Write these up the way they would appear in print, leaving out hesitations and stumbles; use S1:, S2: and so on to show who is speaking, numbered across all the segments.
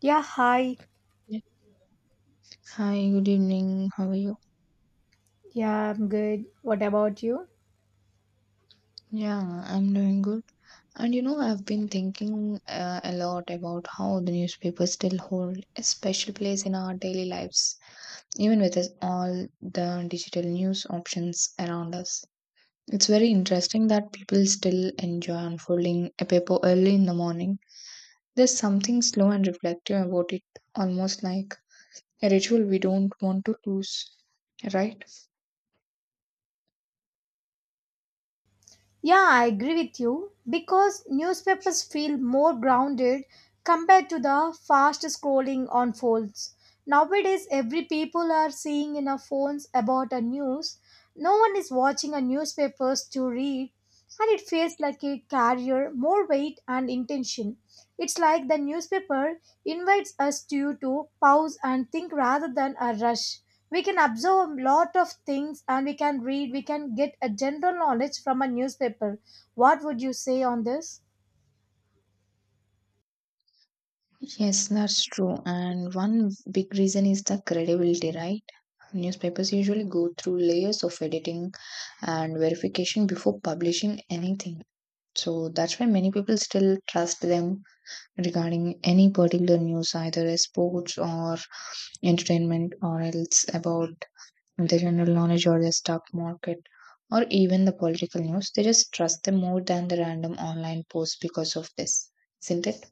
S1: Yeah, hi.
S2: Yeah. Hi, good evening. How are you?
S1: Yeah, I'm good. What about you?
S2: Yeah, I'm doing good. And you know, I've been thinking a lot about how the newspapers still hold a special place in our daily lives, even with all the digital news options around us. It's very interesting that people still enjoy unfolding a paper early in the morning. There's something slow and reflective about it, almost like a ritual we don't want to lose, right?
S1: Yeah, I agree with you because newspapers feel more grounded compared to the fast scrolling on phones. Nowadays, every people are seeing in our phones about a news. No one is watching a newspapers to read and it feels like a carrier more weight and intention. It's like the newspaper invites us to pause and think rather than a rush. We can absorb a lot of things and we can read, we can get a general knowledge from a newspaper. What would you say on this?
S2: Yes, that's true. And one big reason is the credibility, right? Newspapers usually go through layers of editing and verification before publishing anything. So that's why many people still trust them regarding any particular news, either as sports or entertainment, or else about the general knowledge or the stock market, or even the political news. They just trust them more than the random online posts because of this, isn't it?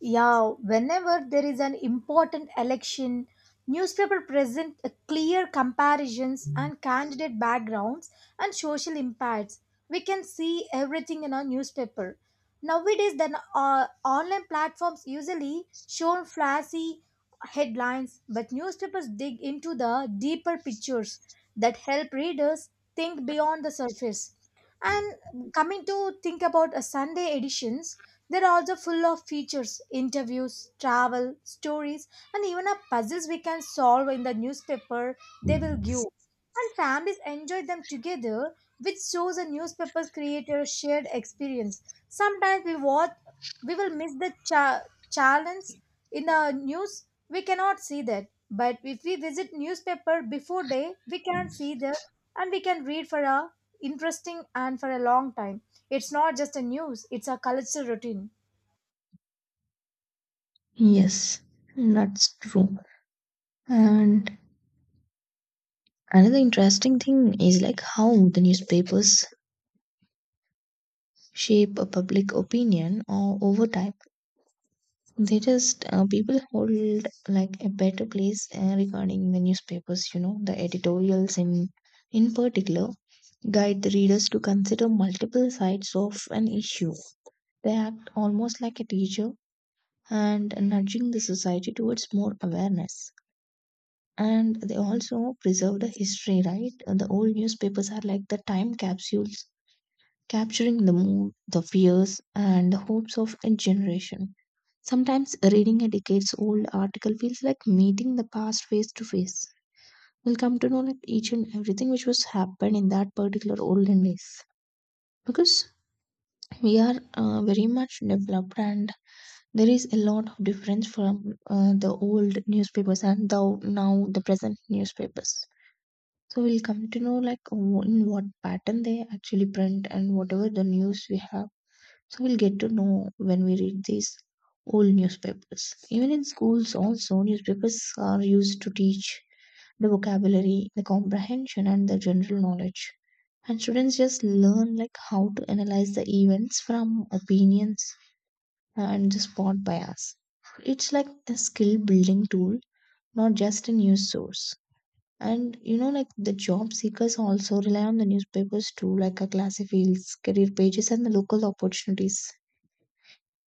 S1: Yeah, whenever there is an important election, newspaper present a clear comparisons and candidate backgrounds and social impacts. We can see everything in our newspaper. Nowadays, then online platforms usually show flashy headlines, but newspapers dig into the deeper pictures that help readers think beyond the surface. And coming to think about a Sunday editions, they're also full of features, interviews, travel, stories, and even a puzzles we can solve in the newspaper they will give. And families enjoy them together, which shows a newspaper's creator shared experience. Sometimes we watch, we will miss the challenge in the news. We cannot see that, but if we visit newspaper before day, we can see the and we can read for a interesting and for a long time. It's not just a news, it's a cultural routine.
S2: Yes, that's true. And another interesting thing is like how the newspapers shape a public opinion or over time. They just people hold like a better place regarding the newspapers. You know, the editorials in particular guide the readers to consider multiple sides of an issue. They act almost like a teacher and nudging the society towards more awareness. And they also preserve the history, right? And the old newspapers are like the time capsules, capturing the mood, the fears, and the hopes of a generation. Sometimes reading a decades old article feels like meeting the past face to face. We'll come to know like each and everything which was happened in that particular olden days, because we are very much developed and there is a lot of difference from the old newspapers and the now the present newspapers. So we'll come to know like in what pattern they actually print and whatever the news we have. So we'll get to know when we read these old newspapers. Even in schools also newspapers are used to teach the vocabulary, the comprehension, and the general knowledge. And students just learn like how to analyze the events from opinions and the spot bias. It's like a skill building tool, not just a news source. And you know, like the job seekers also rely on the newspapers too, like a classy fields, career pages, and the local opportunities.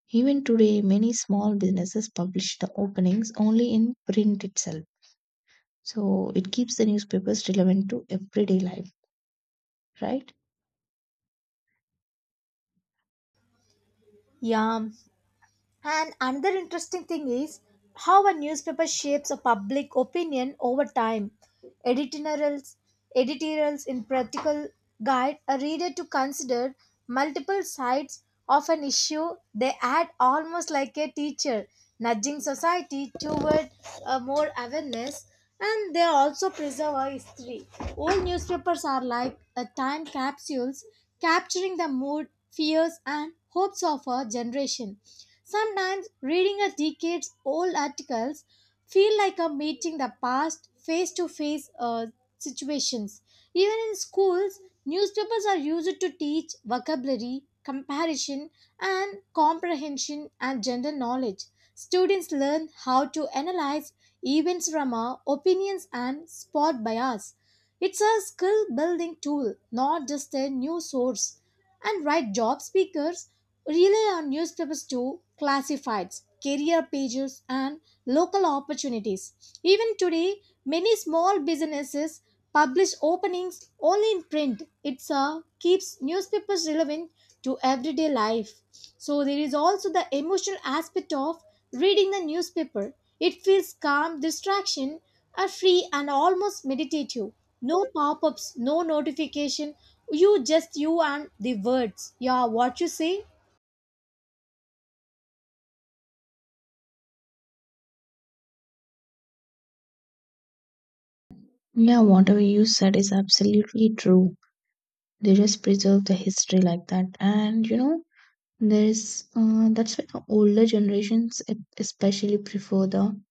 S2: Even today, many small businesses publish the openings only in print itself. So it keeps the newspapers relevant to everyday life, right?
S1: Yeah, and another interesting thing is how a newspaper shapes a public opinion over time. Editorials, editorials in practical guide a reader to consider multiple sides of an issue. They add almost like a teacher, nudging society toward more awareness. And they also preserve our history. Old newspapers are like time capsules, capturing the mood fears, and hopes of our generation. Sometimes reading a decades old articles feel like a meeting the past face to face situations. Even in schools, newspapers are used to teach vocabulary, comparison, and comprehension and general knowledge. Students learn how to analyze events from our opinions and spot bias. It's a skill building tool, not just a new source. And right job seekers rely on newspapers to classifieds, career pages, and local opportunities. Even today, many small businesses publish openings only in print. It keeps newspapers relevant to everyday life. So there is also the emotional aspect of reading the newspaper. It feels calm, distraction, are free and almost meditative. No pop-ups, no notification. You just you and the words. Yeah, what you say?
S2: Yeah, whatever you said is absolutely true. They just preserve the history like that. And you know, there's that's why the older generations especially prefer the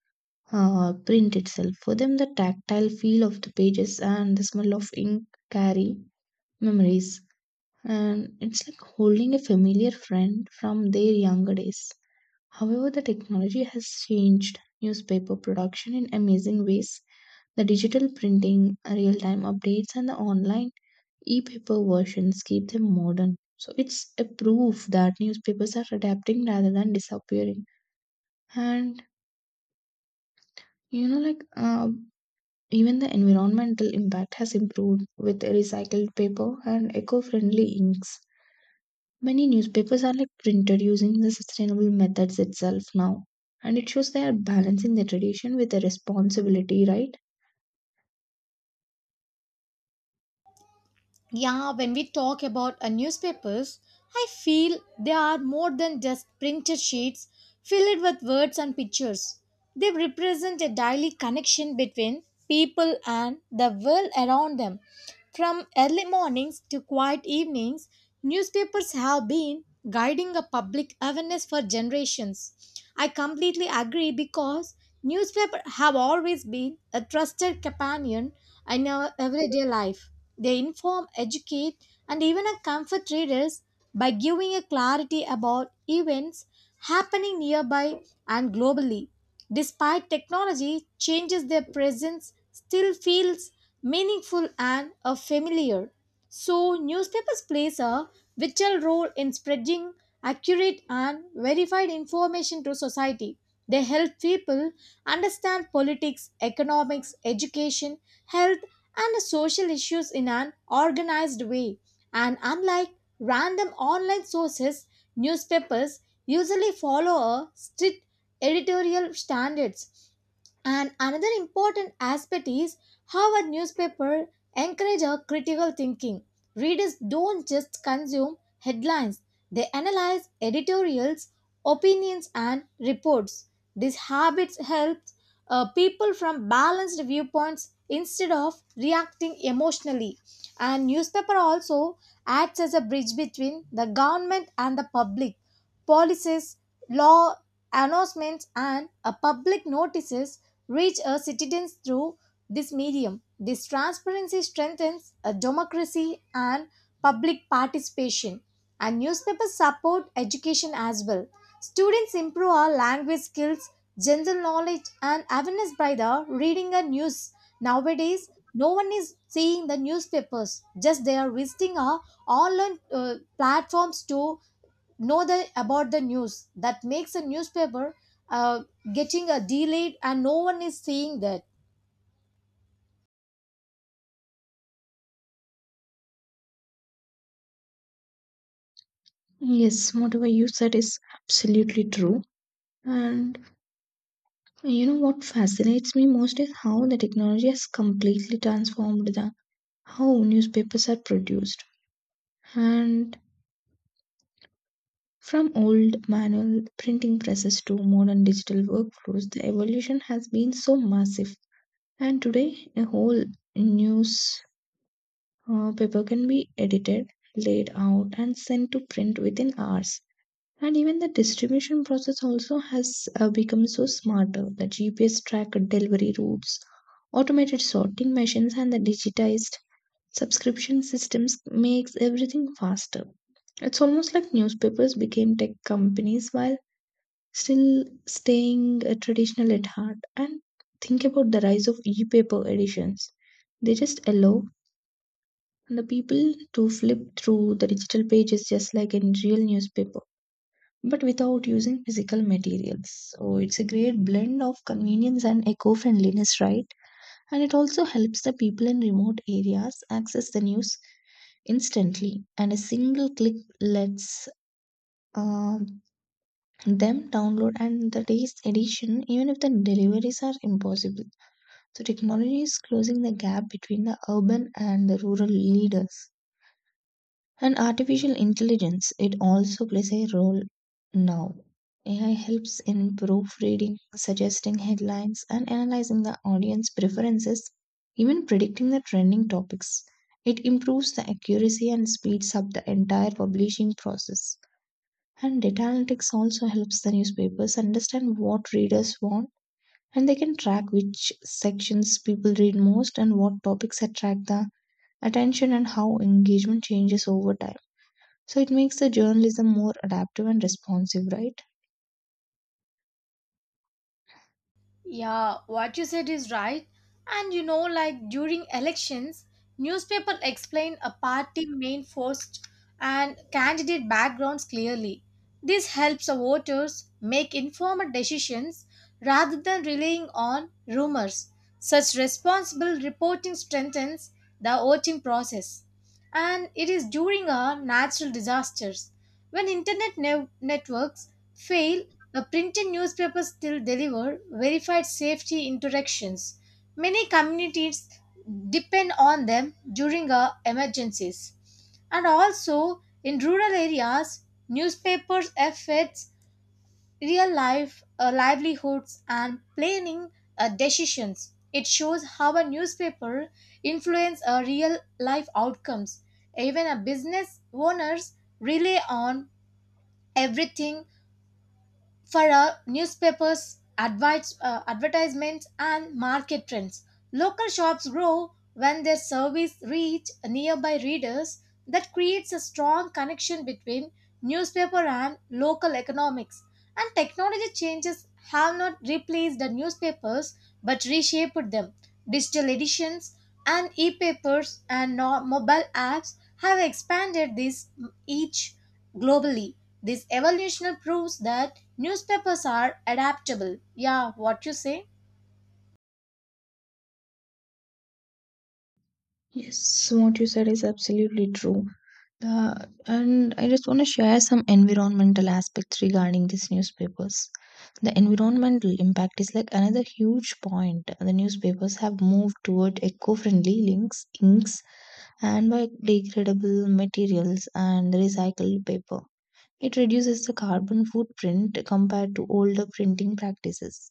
S2: print itself. For them, the tactile feel of the pages and the smell of ink carry memories, and it's like holding a familiar friend from their younger days. However, the technology has changed newspaper production in amazing ways. The digital printing, real time updates, and the online e paper versions keep them modern. So, it's a proof that newspapers are adapting rather than disappearing. And you know, like uh, even the environmental impact has improved with recycled paper and eco friendly inks. Many newspapers are like printed using the sustainable methods itself now, and it shows they are balancing the tradition with the responsibility, right?
S1: Yeah, when we talk about newspapers, I feel they are more than just printed sheets filled with words and pictures. They represent a daily connection between people and the world around them. From early mornings to quiet evenings, newspapers have been guiding a public awareness for generations. I completely agree because newspapers have always been a trusted companion in our everyday life. They inform, educate, and even comfort readers by giving a clarity about events happening nearby and globally. Despite technology changes their presence, still feels meaningful and familiar. So, newspapers plays a vital role in spreading accurate and verified information to society. They help people understand politics, economics, education, health, and social issues in an organized way. And unlike random online sources, newspapers usually follow a strict editorial standards. And another important aspect is how a newspaper encourage a critical thinking. Readers don't just consume headlines, they analyze editorials, opinions and reports. This habit helps people from balanced viewpoints instead of reacting emotionally. And newspaper also acts as a bridge between the government and the public. Policies, law announcements, and public notices reach our citizens through this medium. This transparency strengthens a democracy and public participation. And newspapers support education as well. Students improve our language skills general knowledge and awareness by the reading a news nowadays no one is seeing the newspapers just they are visiting our online platforms to know the about the news that makes a newspaper uh, getting a delayed and no one is seeing that.
S2: Yes, whatever you said is absolutely true. And you know what fascinates me most is how the technology has completely transformed the how newspapers are produced. And From old manual printing presses to modern digital workflows, the evolution has been so massive. And today, a whole news paper can be edited, laid out, and sent to print within hours. And even the distribution process also has become so smarter. The GPS tracked delivery routes, automated sorting machines, and the digitized subscription systems makes everything faster. It's almost like newspapers became tech companies while still staying traditional at heart. And think about the rise of e-paper editions. They just allow the people to flip through the digital pages just like in real newspaper, but without using physical materials. So it's a great blend of convenience and eco-friendliness, right? And it also helps the people in remote areas access the news instantly, and a single click lets uh, them download and the day's edition even if the deliveries are impossible. So technology is closing the gap between the urban and the rural leaders. And artificial intelligence, it also plays a role now. AI helps in proofreading, suggesting headlines, and analyzing the audience preferences, even predicting the trending topics. It improves the accuracy and speeds up the entire publishing process. And data analytics also helps the newspapers understand what readers want, and they can track which sections people read most and what topics attract the attention and how engagement changes over time. So it makes the journalism more adaptive and responsive, right?
S1: Yeah, what you said is right. And you know, like during elections, newspaper explain a party main force and candidate backgrounds clearly. This helps the voters make informed decisions rather than relying on rumors. Such responsible reporting strengthens the voting process. And it is during a natural disasters when internet networks fail the printed newspapers still deliver verified safety interactions. Many communities depend on them during emergencies. And also in rural areas, newspapers affect real life livelihoods and planning decisions. It shows how a newspaper influence real life outcomes. Even a business owners rely on everything for newspapers, advice, advertisements, and market trends. Local shops grow when their service reach nearby readers. That creates a strong connection between newspaper and local economics. And technology changes have not replaced the newspapers, but reshaped them. Digital editions and e papers and mobile apps have expanded this each globally. This evolution proves that newspapers are adaptable. Yeah, what you say?
S2: Yes, what you said is absolutely true. Uh, and I just want to share some environmental aspects regarding these newspapers. The environmental impact is like another huge point. The newspapers have moved toward eco-friendly links, inks, and biodegradable materials and recycled paper. It reduces the carbon footprint compared to older printing practices.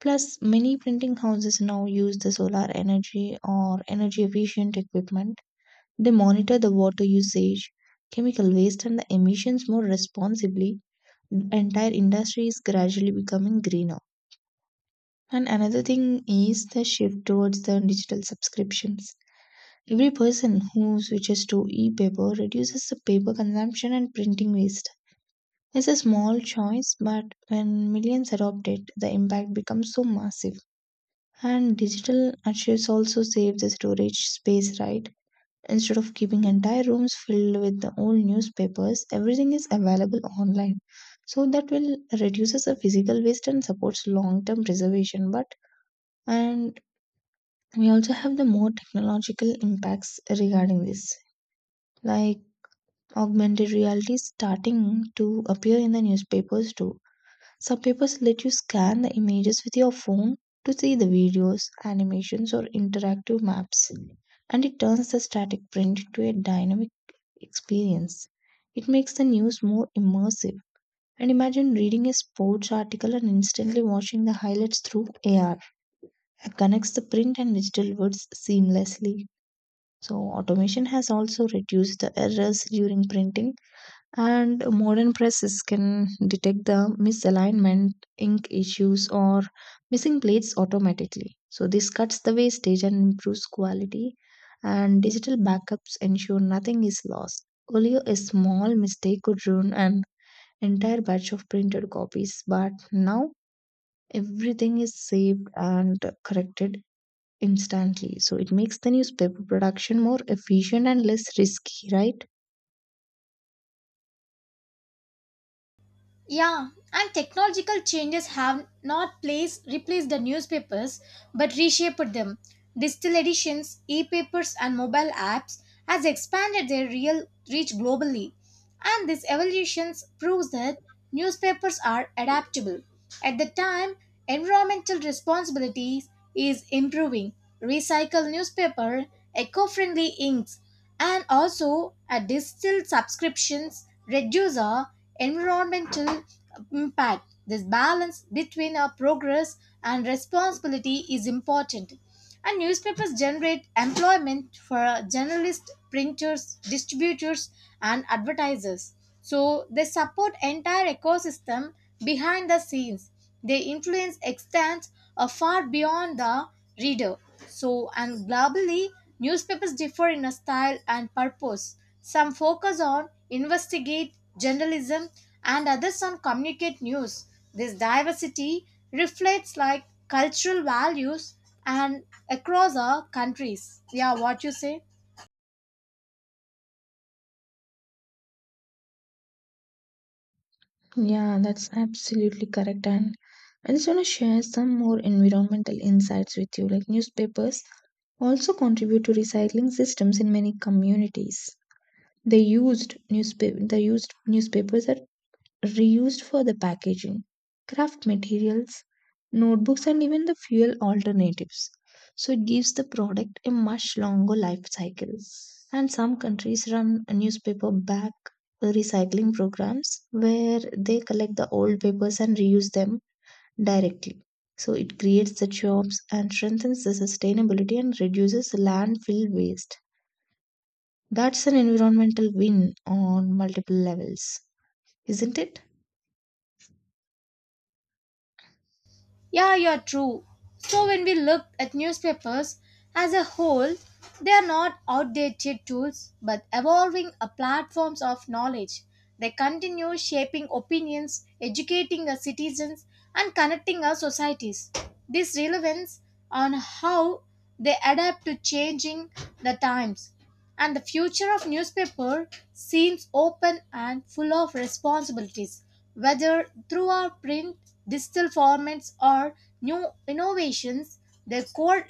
S2: Plus, many printing houses now use the solar energy or energy efficient equipment. They monitor the water usage, chemical waste, and the emissions more responsibly. The entire industry is gradually becoming greener. And another thing is the shift towards the digital subscriptions. Every person who switches to e paper reduces the paper consumption and printing waste. It's a small choice, but when millions adopt it, the impact becomes so massive. And digital archives also save the storage space, right? Instead of keeping entire rooms filled with the old newspapers, everything is available online. So that will reduces the physical waste and supports long-term preservation. But and we also have the more technological impacts regarding this, like augmented reality starting to appear in the newspapers too. Some papers let you scan the images with your phone to see the videos, animations, or interactive maps, and it turns the static print into a dynamic experience. It makes the news more immersive. And imagine reading a sports article and instantly watching the highlights through AR. It connects the print and digital words seamlessly. So, automation has also reduced the errors during printing, and modern presses can detect the misalignment, ink issues, or missing plates automatically. So, this cuts the wastage and improves quality, and digital backups ensure nothing is lost. Earlier, a small mistake could ruin an entire batch of printed copies, but now everything is saved and corrected instantly. So, it makes the newspaper production more efficient and less risky, right?
S1: Yeah, and technological changes have not replaced the newspapers but reshaped them. Digital editions, e-papers and mobile apps has expanded their real reach globally. And these evolutions proves that newspapers are adaptable. At the time, environmental responsibilities is improving. Recycle newspaper, eco-friendly inks, and also a digital subscriptions reduce our environmental impact. This balance between our progress and responsibility is important. And newspapers generate employment for journalists, printers, distributors, and advertisers. So they support entire ecosystem behind the scenes. Their influence extends far beyond the reader. So, and globally, newspapers differ in a style and purpose. Some focus on investigate journalism and others on communicate news. This diversity reflects like cultural values and across our countries. Yeah, what you say?
S2: Yeah, that's absolutely correct. And I just want to share some more environmental insights with you. Like newspapers also contribute to recycling systems in many communities. They used newspapers are reused for the packaging, craft materials, notebooks, and even the fuel alternatives. So it gives the product a much longer life cycle. And some countries run newspaper back recycling programs where they collect the old papers and reuse them directly. So it creates the jobs and strengthens the sustainability and reduces landfill waste. That's an environmental win on multiple levels, isn't it?
S1: Yeah, you're true. So when we look at newspapers as a whole, they are not outdated tools but evolving a platforms of knowledge. They continue shaping opinions, educating our citizens and connecting our societies. This relevance on how they adapt to changing the times and the future of newspaper seems open and full of responsibilities, whether through our print, digital formats, or new innovations, their core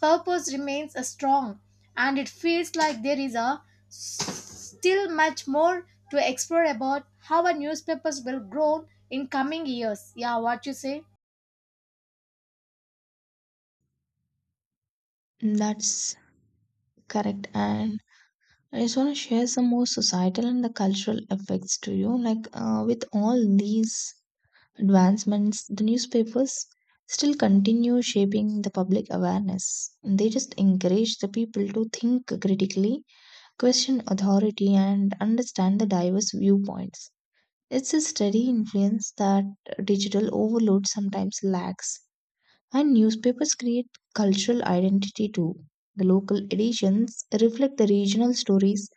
S1: purpose remains a strong, and it feels like there is a still much more to explore about how our newspapers will grow in coming years. Yeah, what you say?
S2: That's correct. And I just want to share some more societal and the cultural effects to you. Like with all these advancements, the newspapers still continue shaping the public awareness. They just encourage the people to think critically, question authority, and understand the diverse viewpoints. It's a steady influence that digital overload sometimes lacks. And newspapers create cultural identity too. The local editions reflect the regional stories,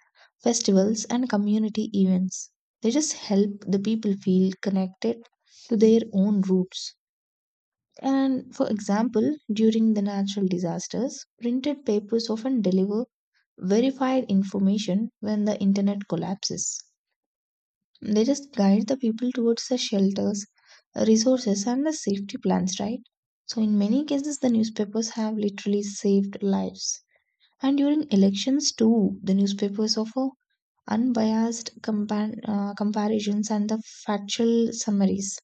S2: festivals, and community events. They just help the people feel connected to their own roots. And for example, during the natural disasters, printed papers often deliver verified information when the internet collapses. They just guide the people towards the shelters, resources, and the safety plans, right? So, in many cases, the newspapers have literally saved lives. And during elections, too, the newspapers offer unbiased comparisons and the factual summaries.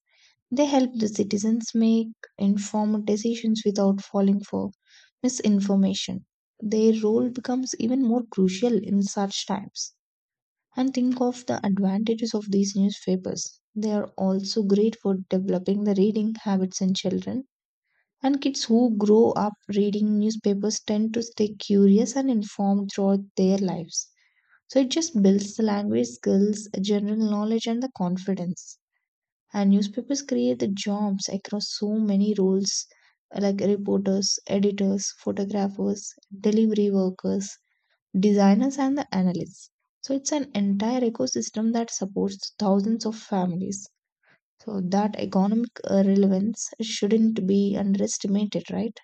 S2: They help the citizens make informed decisions without falling for misinformation. Their role becomes even more crucial in such times. And think of the advantages of these newspapers. They are also great for developing the reading habits in children. And kids who grow up reading newspapers tend to stay curious and informed throughout their lives. So it just builds the language skills, general knowledge, and the confidence. And newspapers create the jobs across so many roles like reporters, editors, photographers, delivery workers, designers, and the analysts. So it's an entire ecosystem that supports thousands of families. So that economic relevance shouldn't be underestimated, right?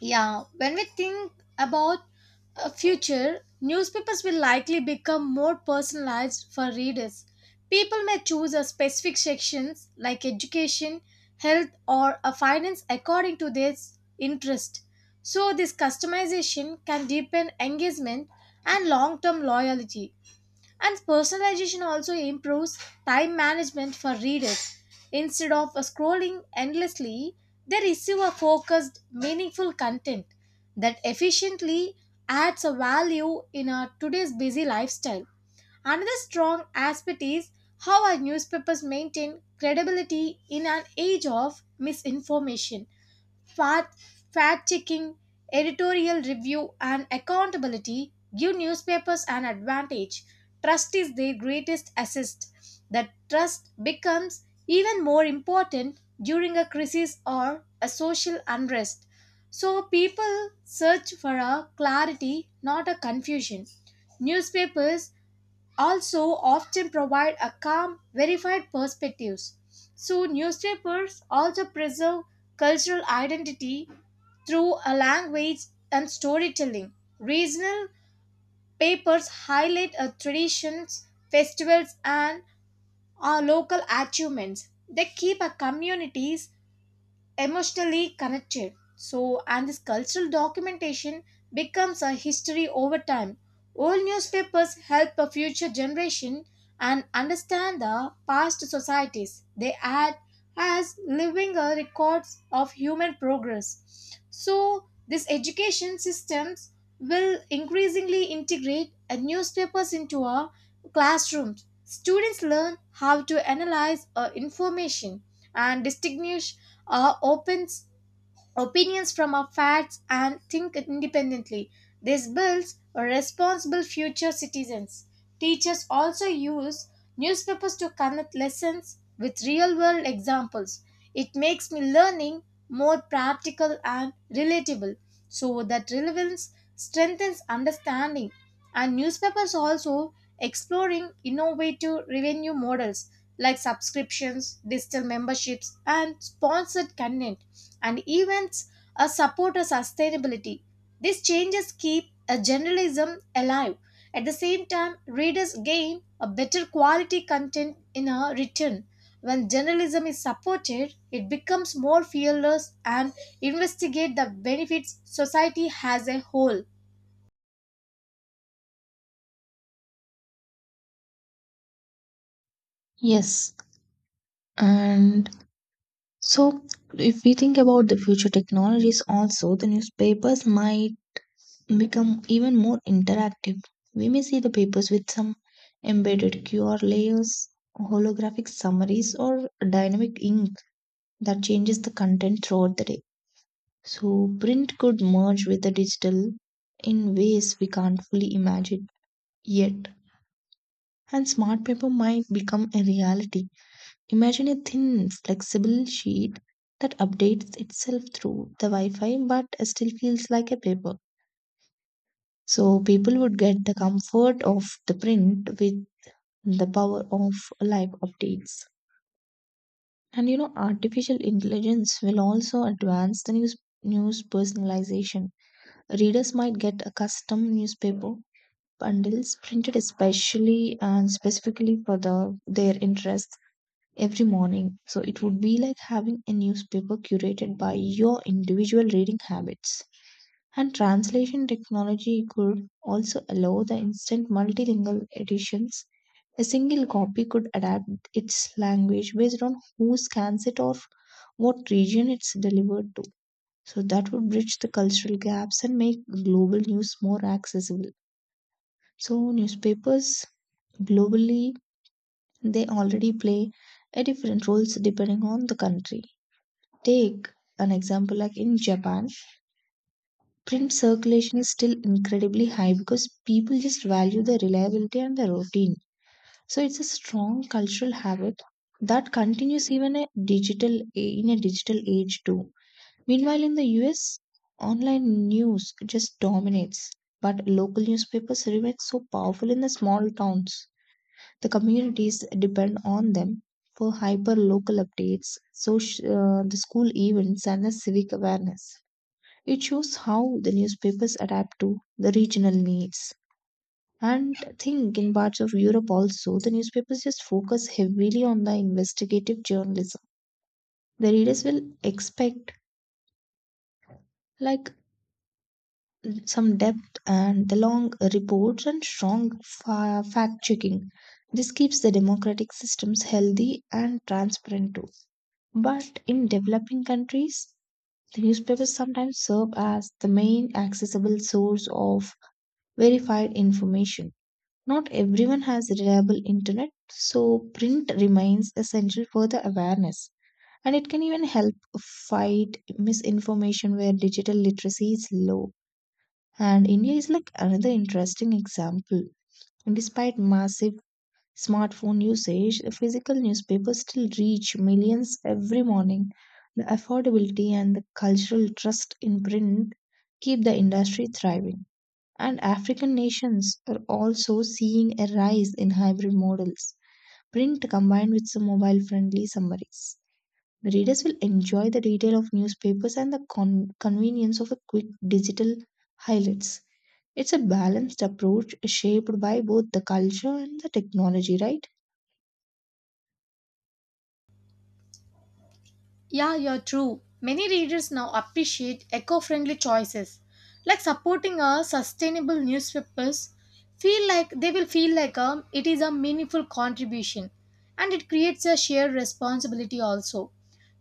S1: Yeah, when we think about a future, newspapers will likely become more personalized for readers. People may choose a specific sections like education, health, or a finance according to their interest. So this customization can deepen engagement and long-term loyalty. And personalization also improves time management for readers. Instead of scrolling endlessly, they receive a focused, meaningful content that efficiently adds a value in our today's busy lifestyle. Another strong aspect is how our newspapers maintain credibility in an age of misinformation. Fact, fact checking, editorial review, and accountability give newspapers an advantage. Trust is their greatest asset. That trust becomes even more important during a crisis or a social unrest. So people search for a clarity, not a confusion. Newspapers also often provide a calm, verified perspectives. So newspapers also preserve cultural identity through a language and storytelling. Regional papers highlight a traditions, festivals, and our local achievements. They keep our communities emotionally connected. So, and this cultural documentation becomes a history over time. Old newspapers help a future generation and understand the past societies. They act as living records of human progress. So, these education systems will increasingly integrate newspapers into our classrooms. Students learn how to analyze information and distinguish opens opinions from our facts and think independently. This builds responsible future citizens. Teachers also use newspapers to connect lessons with real world examples. It makes me learning more practical and relatable so that relevance strengthens understanding. And newspapers also exploring innovative revenue models like subscriptions, digital memberships, and sponsored content, and events support a sustainability. These changes keep a journalism alive. At the same time, readers gain a better quality content in a return. When journalism is supported, it becomes more fearless and investigate the benefits society as a whole.
S2: Yes. And so if we think about the future technologies also, the newspapers might become even more interactive. We may see the papers with some embedded QR layers, holographic summaries, or dynamic ink that changes the content throughout the day. So, print could merge with the digital in ways we can't fully imagine yet. And smart paper might become a reality. Imagine a thin, flexible sheet that updates itself through the Wi Fi but still feels like a paper. So people would get the comfort of the print with the power of live updates. And you know, artificial intelligence will also advance the news personalization. Readers might get a custom newspaper bundles printed especially and specifically for the their interests every morning. So it would be like having a newspaper curated by your individual reading habits. And translation technology could also allow the instant multilingual editions. A single copy could adapt its language based on who scans it or what region it's delivered to. So that would bridge the cultural gaps and make global news more accessible. So newspapers globally, they already play a different roles depending on the country. Take an example like in Japan, print circulation is still incredibly high because people just value the reliability and the routine. So it's a strong cultural habit that continues even a digital in a digital age too. Meanwhile, in the US, online news just dominates, but local newspapers remain so powerful in the small towns. The communities depend on them for hyper local updates, so the school events, and the civic awareness. It shows how the newspapers adapt to the regional needs. And I think in parts of Europe also, the newspapers just focus heavily on the investigative journalism. The readers will expect like some depth and the long reports and strong fact checking. This keeps the democratic systems healthy and transparent too. But in developing countries, the newspapers sometimes serve as the main accessible source of verified information. Not everyone has reliable internet, so print remains essential for the awareness. And it can even help fight misinformation where digital literacy is low. And India is like another interesting example. Despite massive smartphone usage, the physical newspapers still reach millions every morning. The affordability and the cultural trust in print keep the industry thriving, and African nations are also seeing a rise in hybrid models, print combined with some mobile friendly summaries. The readers will enjoy the detail of newspapers and the convenience of a quick digital highlights. It's a balanced approach shaped by both the culture and the technology, right?
S1: Yeah, you're true. Many readers now appreciate eco friendly choices, like supporting a sustainable newspapers. Feel like they will feel like a, it is a meaningful contribution and it creates a shared responsibility also.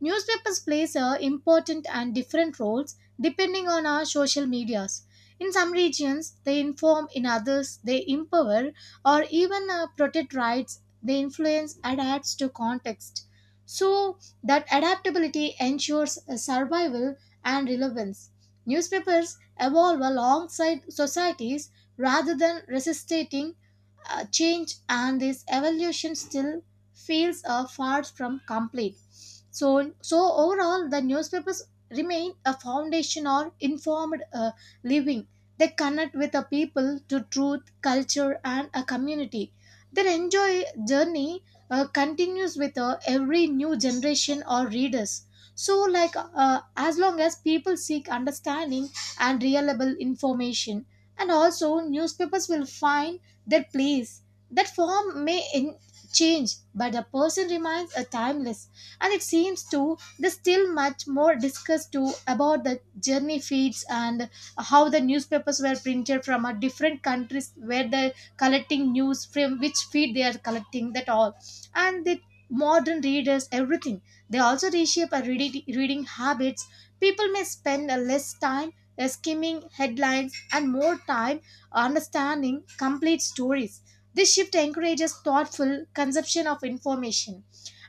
S1: Newspapers plays a important and different roles depending on our social medias. In some regions, they inform, in others, they empower or even protect rights, they influence and adds to context. So, that adaptability ensures survival and relevance. Newspapers evolve alongside societies rather than resisting change and this evolution still feels far from complete. So, so overall, the newspapers remain a foundation or informed living. They connect with the people to truth, culture, and a community. Their enjoy journey continues with every new generation or readers. So, like as long as people seek understanding and reliable information, and also newspapers will find their place. That form may change, but the person remains a timeless. And it seems too there's still much more discussed too about the journey feeds and how the newspapers were printed from a different countries where they're collecting news from which feed they are collecting that all. And the modern readers, everything. They also reshape our reading habits. People may spend a less time skimming headlines and more time understanding complete stories. This shift encourages thoughtful consumption of information,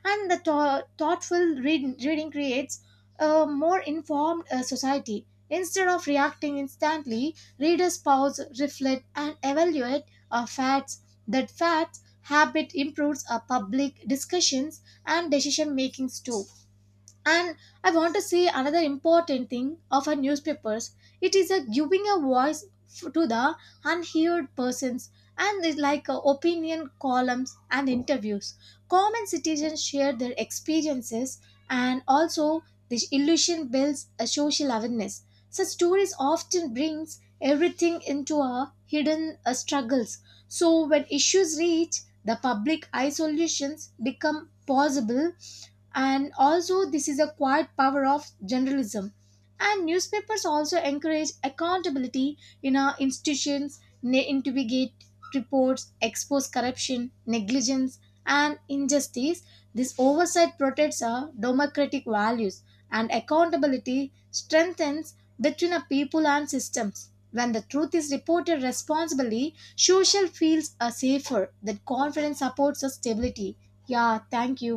S1: and the reading creates a more informed society. Instead of reacting instantly, readers pause, reflect, and evaluate facts. That facts habit improves our public discussions and decision makings too. And I want to say another important thing of our newspapers. It is a giving a voice to the unheard persons and it's like opinion columns and interviews. Common citizens share their experiences and also this illusion builds a social awareness. Such stories often brings everything into our hidden struggles. So when issues reach the public, eye solutions become possible and also this is a quiet power of journalism and newspapers also encourage accountability in our institutions they investigate reports expose corruption negligence and injustice this oversight protects our democratic values and accountability strengthens between our people and systems when the truth is reported responsibly social feels are safer that confidence supports our stability. Yeah, thank you.